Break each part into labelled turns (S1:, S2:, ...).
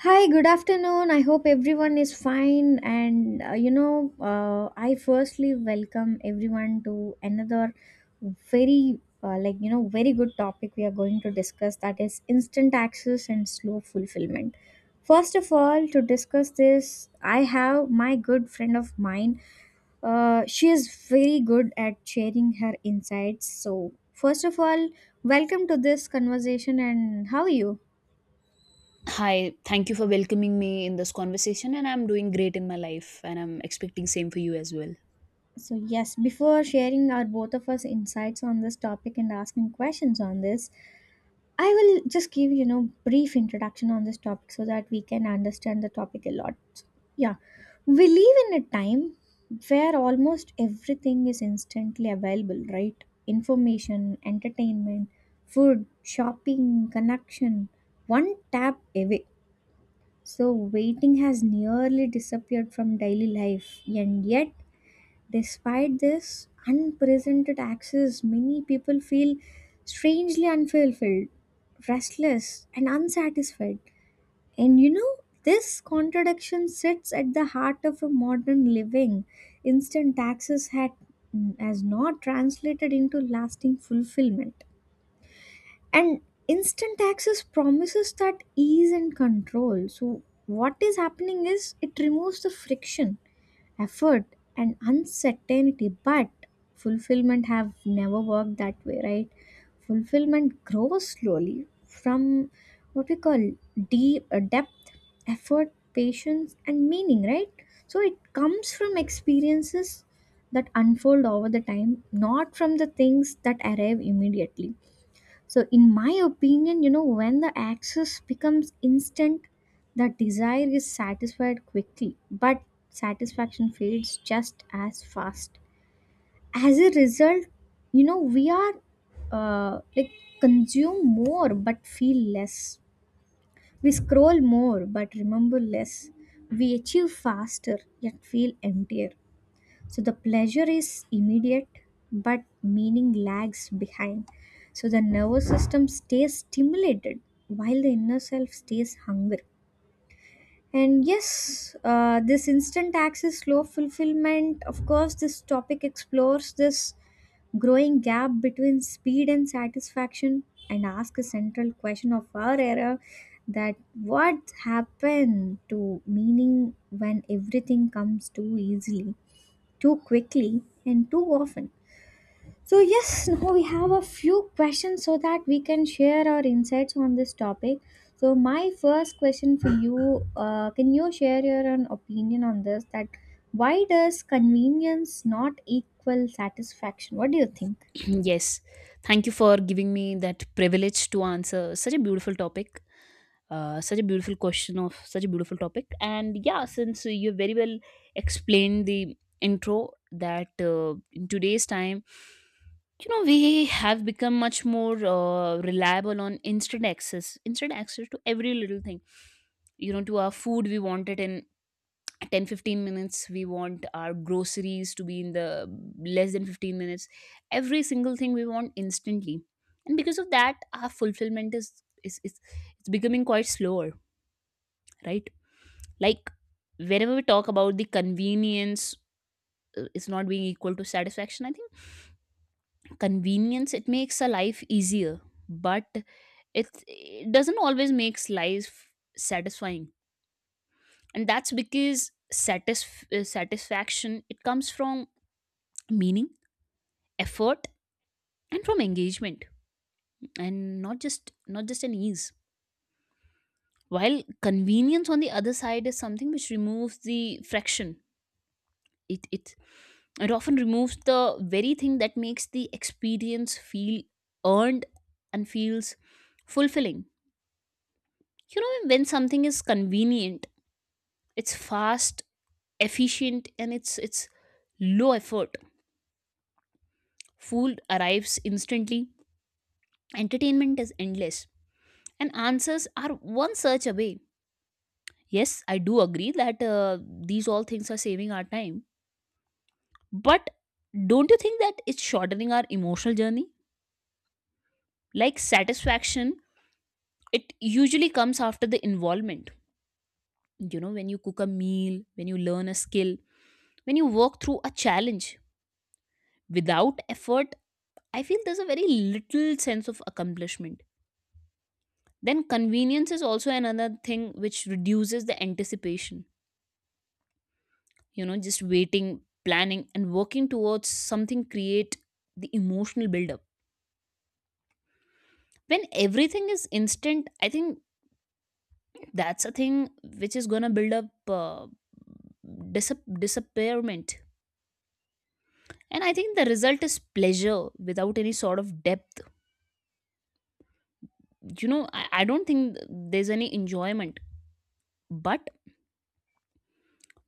S1: Hi, good afternoon. I hope everyone is fine. I firstly welcome everyone to another very, very good topic we are going to discuss, that is instant access and slow fulfillment. First of all, to discuss this, I have my good friend of mine. She is very good at sharing her insights. So, first of all, welcome to this conversation, and how are you?
S2: Hi, thank you for welcoming me in this conversation, and I'm doing great in my life and I'm expecting same for you as well.
S1: So, yes, before sharing our both of us insights on this topic and asking questions on this, I will just give brief introduction on this topic so that we can understand the topic a lot. Yeah, we live in a time where almost everything is instantly available, right? Information, entertainment, food, shopping, connection, one tap away. So, waiting has nearly disappeared from daily life, and yet despite this unprecedented access, many people feel strangely unfulfilled, restless, and unsatisfied. This contradiction sits at the heart of a modern living. Instant access has not translated into lasting fulfillment. And instant access promises that ease and control. So, what is happening is it removes the friction, effort, and uncertainty, but fulfillment have never worked that way, right? Fulfillment grows slowly from what we call deep depth, effort, patience, and meaning, right? So it comes from experiences that unfold over the time, not from the things that arrive immediately. So, in my opinion, when the access becomes instant, the desire is satisfied quickly, but satisfaction fades just as fast. As a result, you know, we are like consume more but feel less. We scroll more but remember less. We achieve faster yet feel emptier. So the pleasure is immediate, but meaning lags behind. So the nervous system stays stimulated while the inner self stays hungry. This instant access, slow fulfillment, of course, this topic explores this growing gap between speed and satisfaction, and ask a central question of our era: that what happened to meaning when everything comes too easily, too quickly, and too often. So, yes, now we have a few questions so that we can share our insights on this topic. So, my first question for you, can you share your own opinion on this? That why does convenience not equal satisfaction? What do you think?
S2: Yes. Thank you for giving me that privilege to answer such a beautiful topic. Such a beautiful question of such a beautiful topic. And yeah, since you very well explained the intro that in today's time, you know, we have become much more reliable on instant access, instant access to every little thing, you know, to our food. We want it in 10 to 15 minutes. We want our groceries to be in the less than 15 minutes. Every single thing we want instantly, and because of that our fulfillment is it's becoming quite slower, right? Like whenever we talk about the convenience, is not being equal to satisfaction. I think convenience, it makes a life easier, but it doesn't always makes life satisfying. And that's because satisfaction, it comes from meaning, effort, and from engagement, and not just an ease. While convenience on the other side is something which removes the friction, it it often removes the very thing that makes the experience feel earned and feels fulfilling. You know, when something is convenient, it's fast, efficient, and it's low effort. Food arrives instantly, entertainment is endless, and answers are one search away. Yes, I do agree that these all things are saving our time. But don't you think that it's shortening our emotional journey? Like satisfaction, it usually comes after the involvement. You know, when you cook a meal, when you learn a skill, when you work through a challenge without effort, I feel there's a very little sense of accomplishment. Then convenience is also another thing which reduces the anticipation. You know, just waiting, planning, and working towards something create the emotional buildup. When everything is instant, I think that's a thing which is going to build up disappearment. And I think the result is pleasure without any sort of depth. You know, I don't think there's any enjoyment, but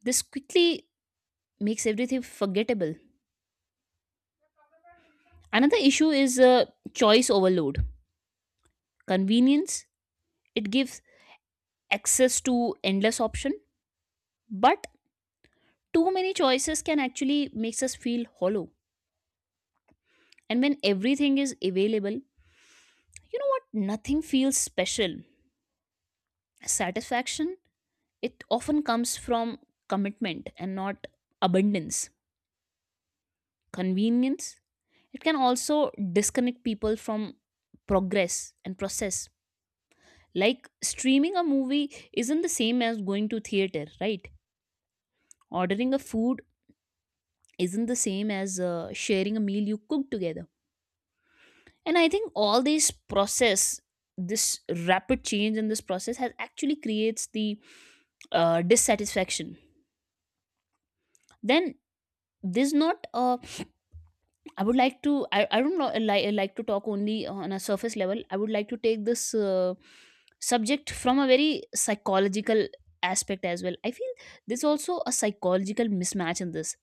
S2: this quickly makes everything forgettable. Another issue is choice overload. Convenience, it gives access to endless option, but too many choices can actually makes us feel hollow. And when everything is available, you know what? Nothing feels special. Satisfaction, it often comes from commitment and not abundance. Convenience, it can also disconnect people from progress and process. Like streaming a movie isn't the same as going to theater, right? Ordering a food isn't the same as sharing a meal you cook together. And I think all this process, this rapid change in this process has actually creates the dissatisfaction. Then this not I would like to I don't know like to talk only on a surface level. I would like to take this subject from a very psychological aspect as well. I feel there's also a psychological mismatch in this,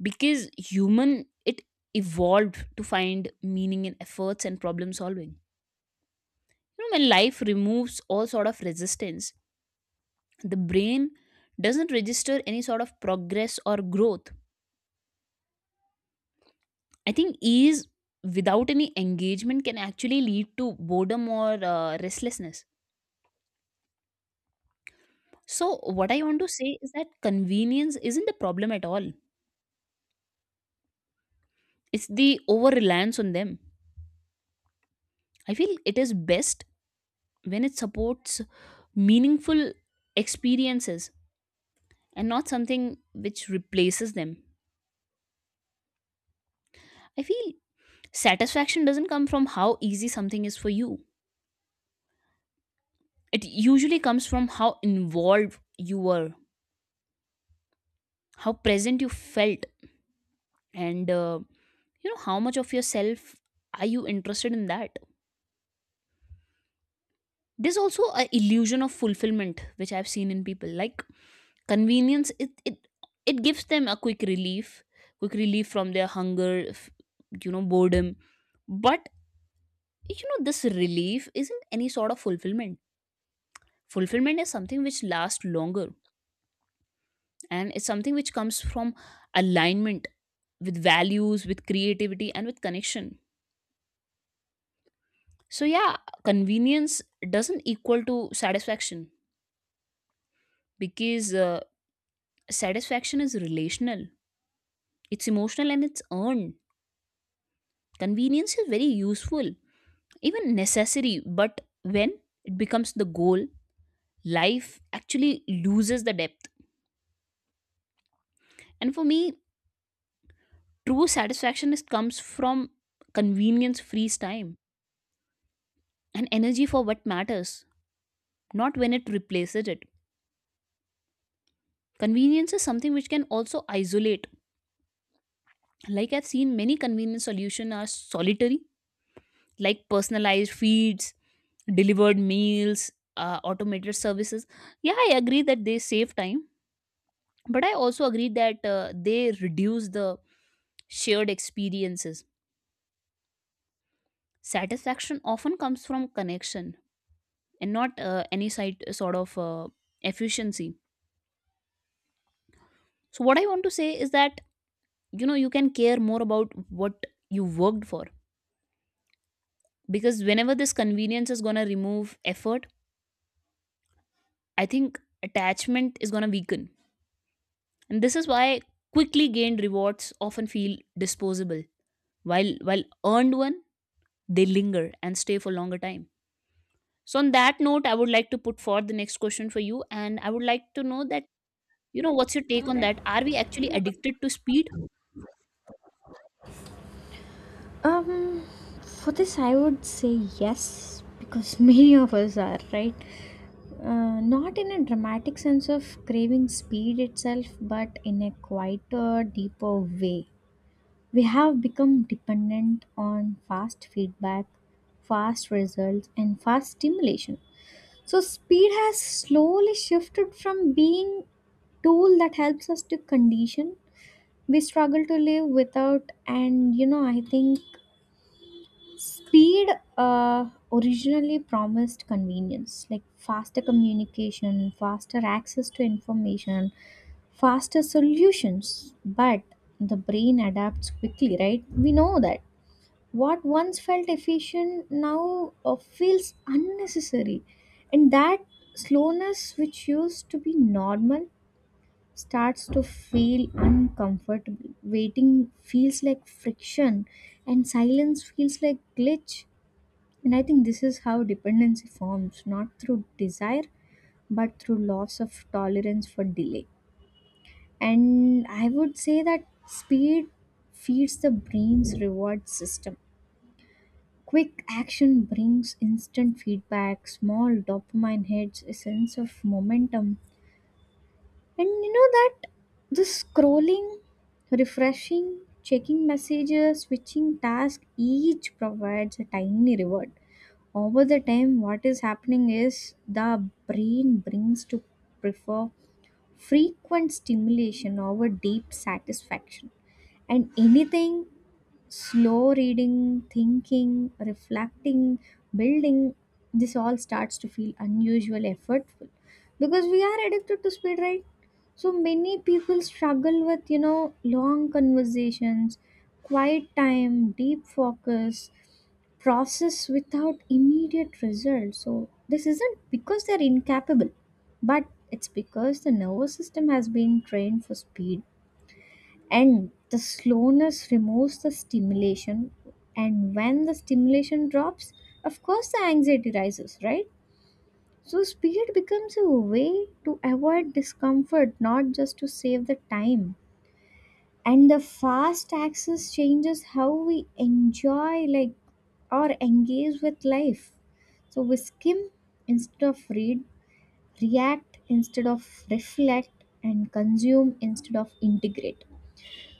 S2: because human it evolved to find meaning in efforts and problem solving. You know, when life removes all sort of resistance, the brain doesn't register any sort of progress or growth. I think ease without any engagement can actually lead to boredom or restlessness. So, what I want to say is that convenience isn't the problem at all, it's the over reliance on them. I feel it is best when it supports meaningful experiences and not something which replaces them. I feel satisfaction doesn't come from how easy something is for you, it usually comes from how involved you were, how present you felt, and you know, how much of yourself are you interested in that. There's also a illusion of fulfillment which I've seen in people. Like convenience it gives them a quick relief, quick relief from their hunger, you know, boredom. But you know, this relief isn't any sort of fulfillment. Fulfillment is something which lasts longer, and it's something which comes from alignment with values, with creativity, and with connection. So yeah, convenience doesn't equal to satisfaction, because satisfaction is relational, it's emotional, and it's earned. Convenience is very useful, even necessary, but when it becomes the goal, life actually loses the depth. And for me, true satisfaction is comes from convenience frees time and energy for what matters, not when it replaces it. Convenience is something which can also isolate. Like I've seen many convenience solutions are solitary, like personalized feeds, delivered meals, automated services. Yeah, I agree that they save time, but I also agree that they reduce the shared experiences. Satisfaction often comes from connection and not sort of efficiency. So, what I want to say is that, you know, you can care more about what you worked for, because whenever this convenience is going to remove effort, I think attachment is going to weaken. And this is why quickly gained rewards often feel disposable. While earned one, they linger and stay for longer time. So on that note, I would like to put forward the next question for you, and I would like to know that, you know, what's your take on that? Are we actually addicted to speed?
S1: Um, for this, I would say yes, because many of us are, right? Not in a dramatic sense of craving speed itself, but in a quieter, deeper way. We have become dependent on fast feedback, fast results, and fast stimulation. So, speed has slowly shifted from being tool that helps us to condition we struggle to live without. And you know, I think speed originally promised convenience, like faster communication, faster access to information, faster solutions, but the brain adapts quickly, right? We know that what once felt efficient now feels unnecessary, and that slowness, which used to be normal, starts to feel uncomfortable. Waiting feels like friction, and silence feels like glitch. And I think this is how dependency forms, not through desire, but through loss of tolerance for delay. And I would say that speed feeds the brain's reward system. Quick action brings instant feedback, small dopamine hits, a sense of momentum. And you know that this scrolling, refreshing, checking messages, switching tasks, each provides a tiny reward. Over the time, what is happening is the brain brings to prefer frequent stimulation over deep satisfaction. And anything slow: reading, thinking, reflecting, building, this all starts to feel unusual, effortful, because we are addicted to speed, right? So many people struggle with, long conversations, quiet time, deep focus, process without immediate results. So this isn't because they're incapable, but it's because the nervous system has been trained for speed, and the slowness removes the stimulation. And when the stimulation drops, of course the anxiety rises, right? So speed becomes a way to avoid discomfort, not just to save the time. And the fast access changes how we enjoy or engage with life. So we skim instead of read, react instead of reflect, and consume instead of integrate.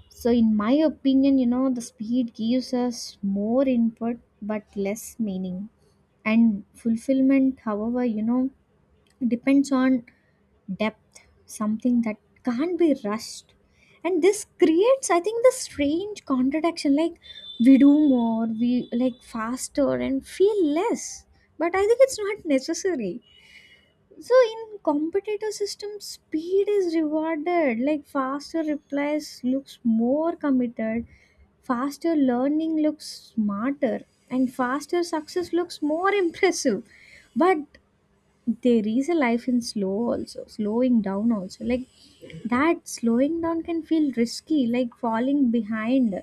S1: So, in my opinion, the speed gives us more input but less meaning. And fulfillment, however, depends on depth, something that can't be rushed. And this creates, I think, the strange contradiction, like we do more, we like faster and feel less. But I think it's not necessary. So in competitor systems, speed is rewarded. Like faster replies looks more committed, faster learning looks smarter, and faster success looks more impressive. But there is a life in slow also, slowing down also, like that slowing down can feel risky, like falling behind.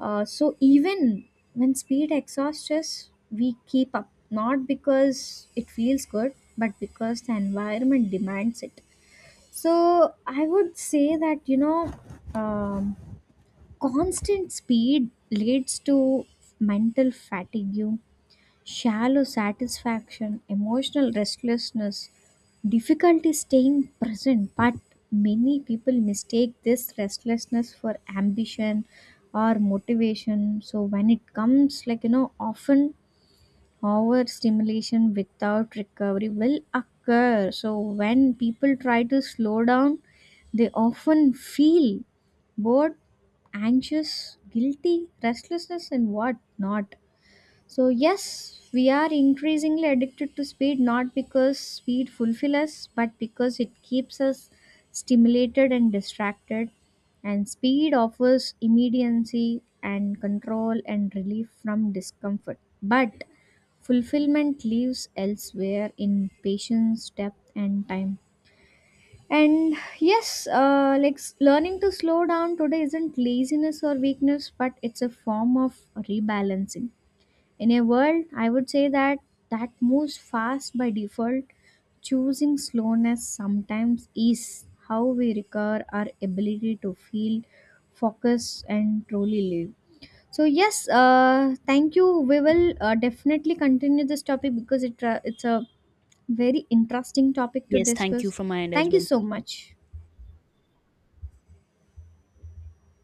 S1: So even when speed exhausts us, we keep up, not because it feels good, but because the environment demands it. So I would say that um, constant speed leads to mental fatigue, shallow satisfaction, emotional restlessness, difficulty staying present, but many people mistake this restlessness for ambition or motivation. So when it comes, often overstimulation without recovery will occur. So when people try to slow down, they often feel bored, anxious, guilty, restlessness, and what not. So, yes, we are increasingly addicted to speed, not because speed fulfills us, but because it keeps us stimulated and distracted. And speed offers immediacy and control and relief from discomfort. But fulfillment lives elsewhere: in patience, depth, and time. And yes, learning to slow down today isn't laziness or weakness, but it's a form of rebalancing in a world, I would say, that moves fast by default. Choosing slowness sometimes is how we recover our ability to feel, focus, and truly live. So yes, thank you. We will definitely continue this topic because it's a very interesting topic to
S2: Yes, thank you
S1: discuss.
S2: from my end as
S1: Thank you
S2: well.
S1: so much.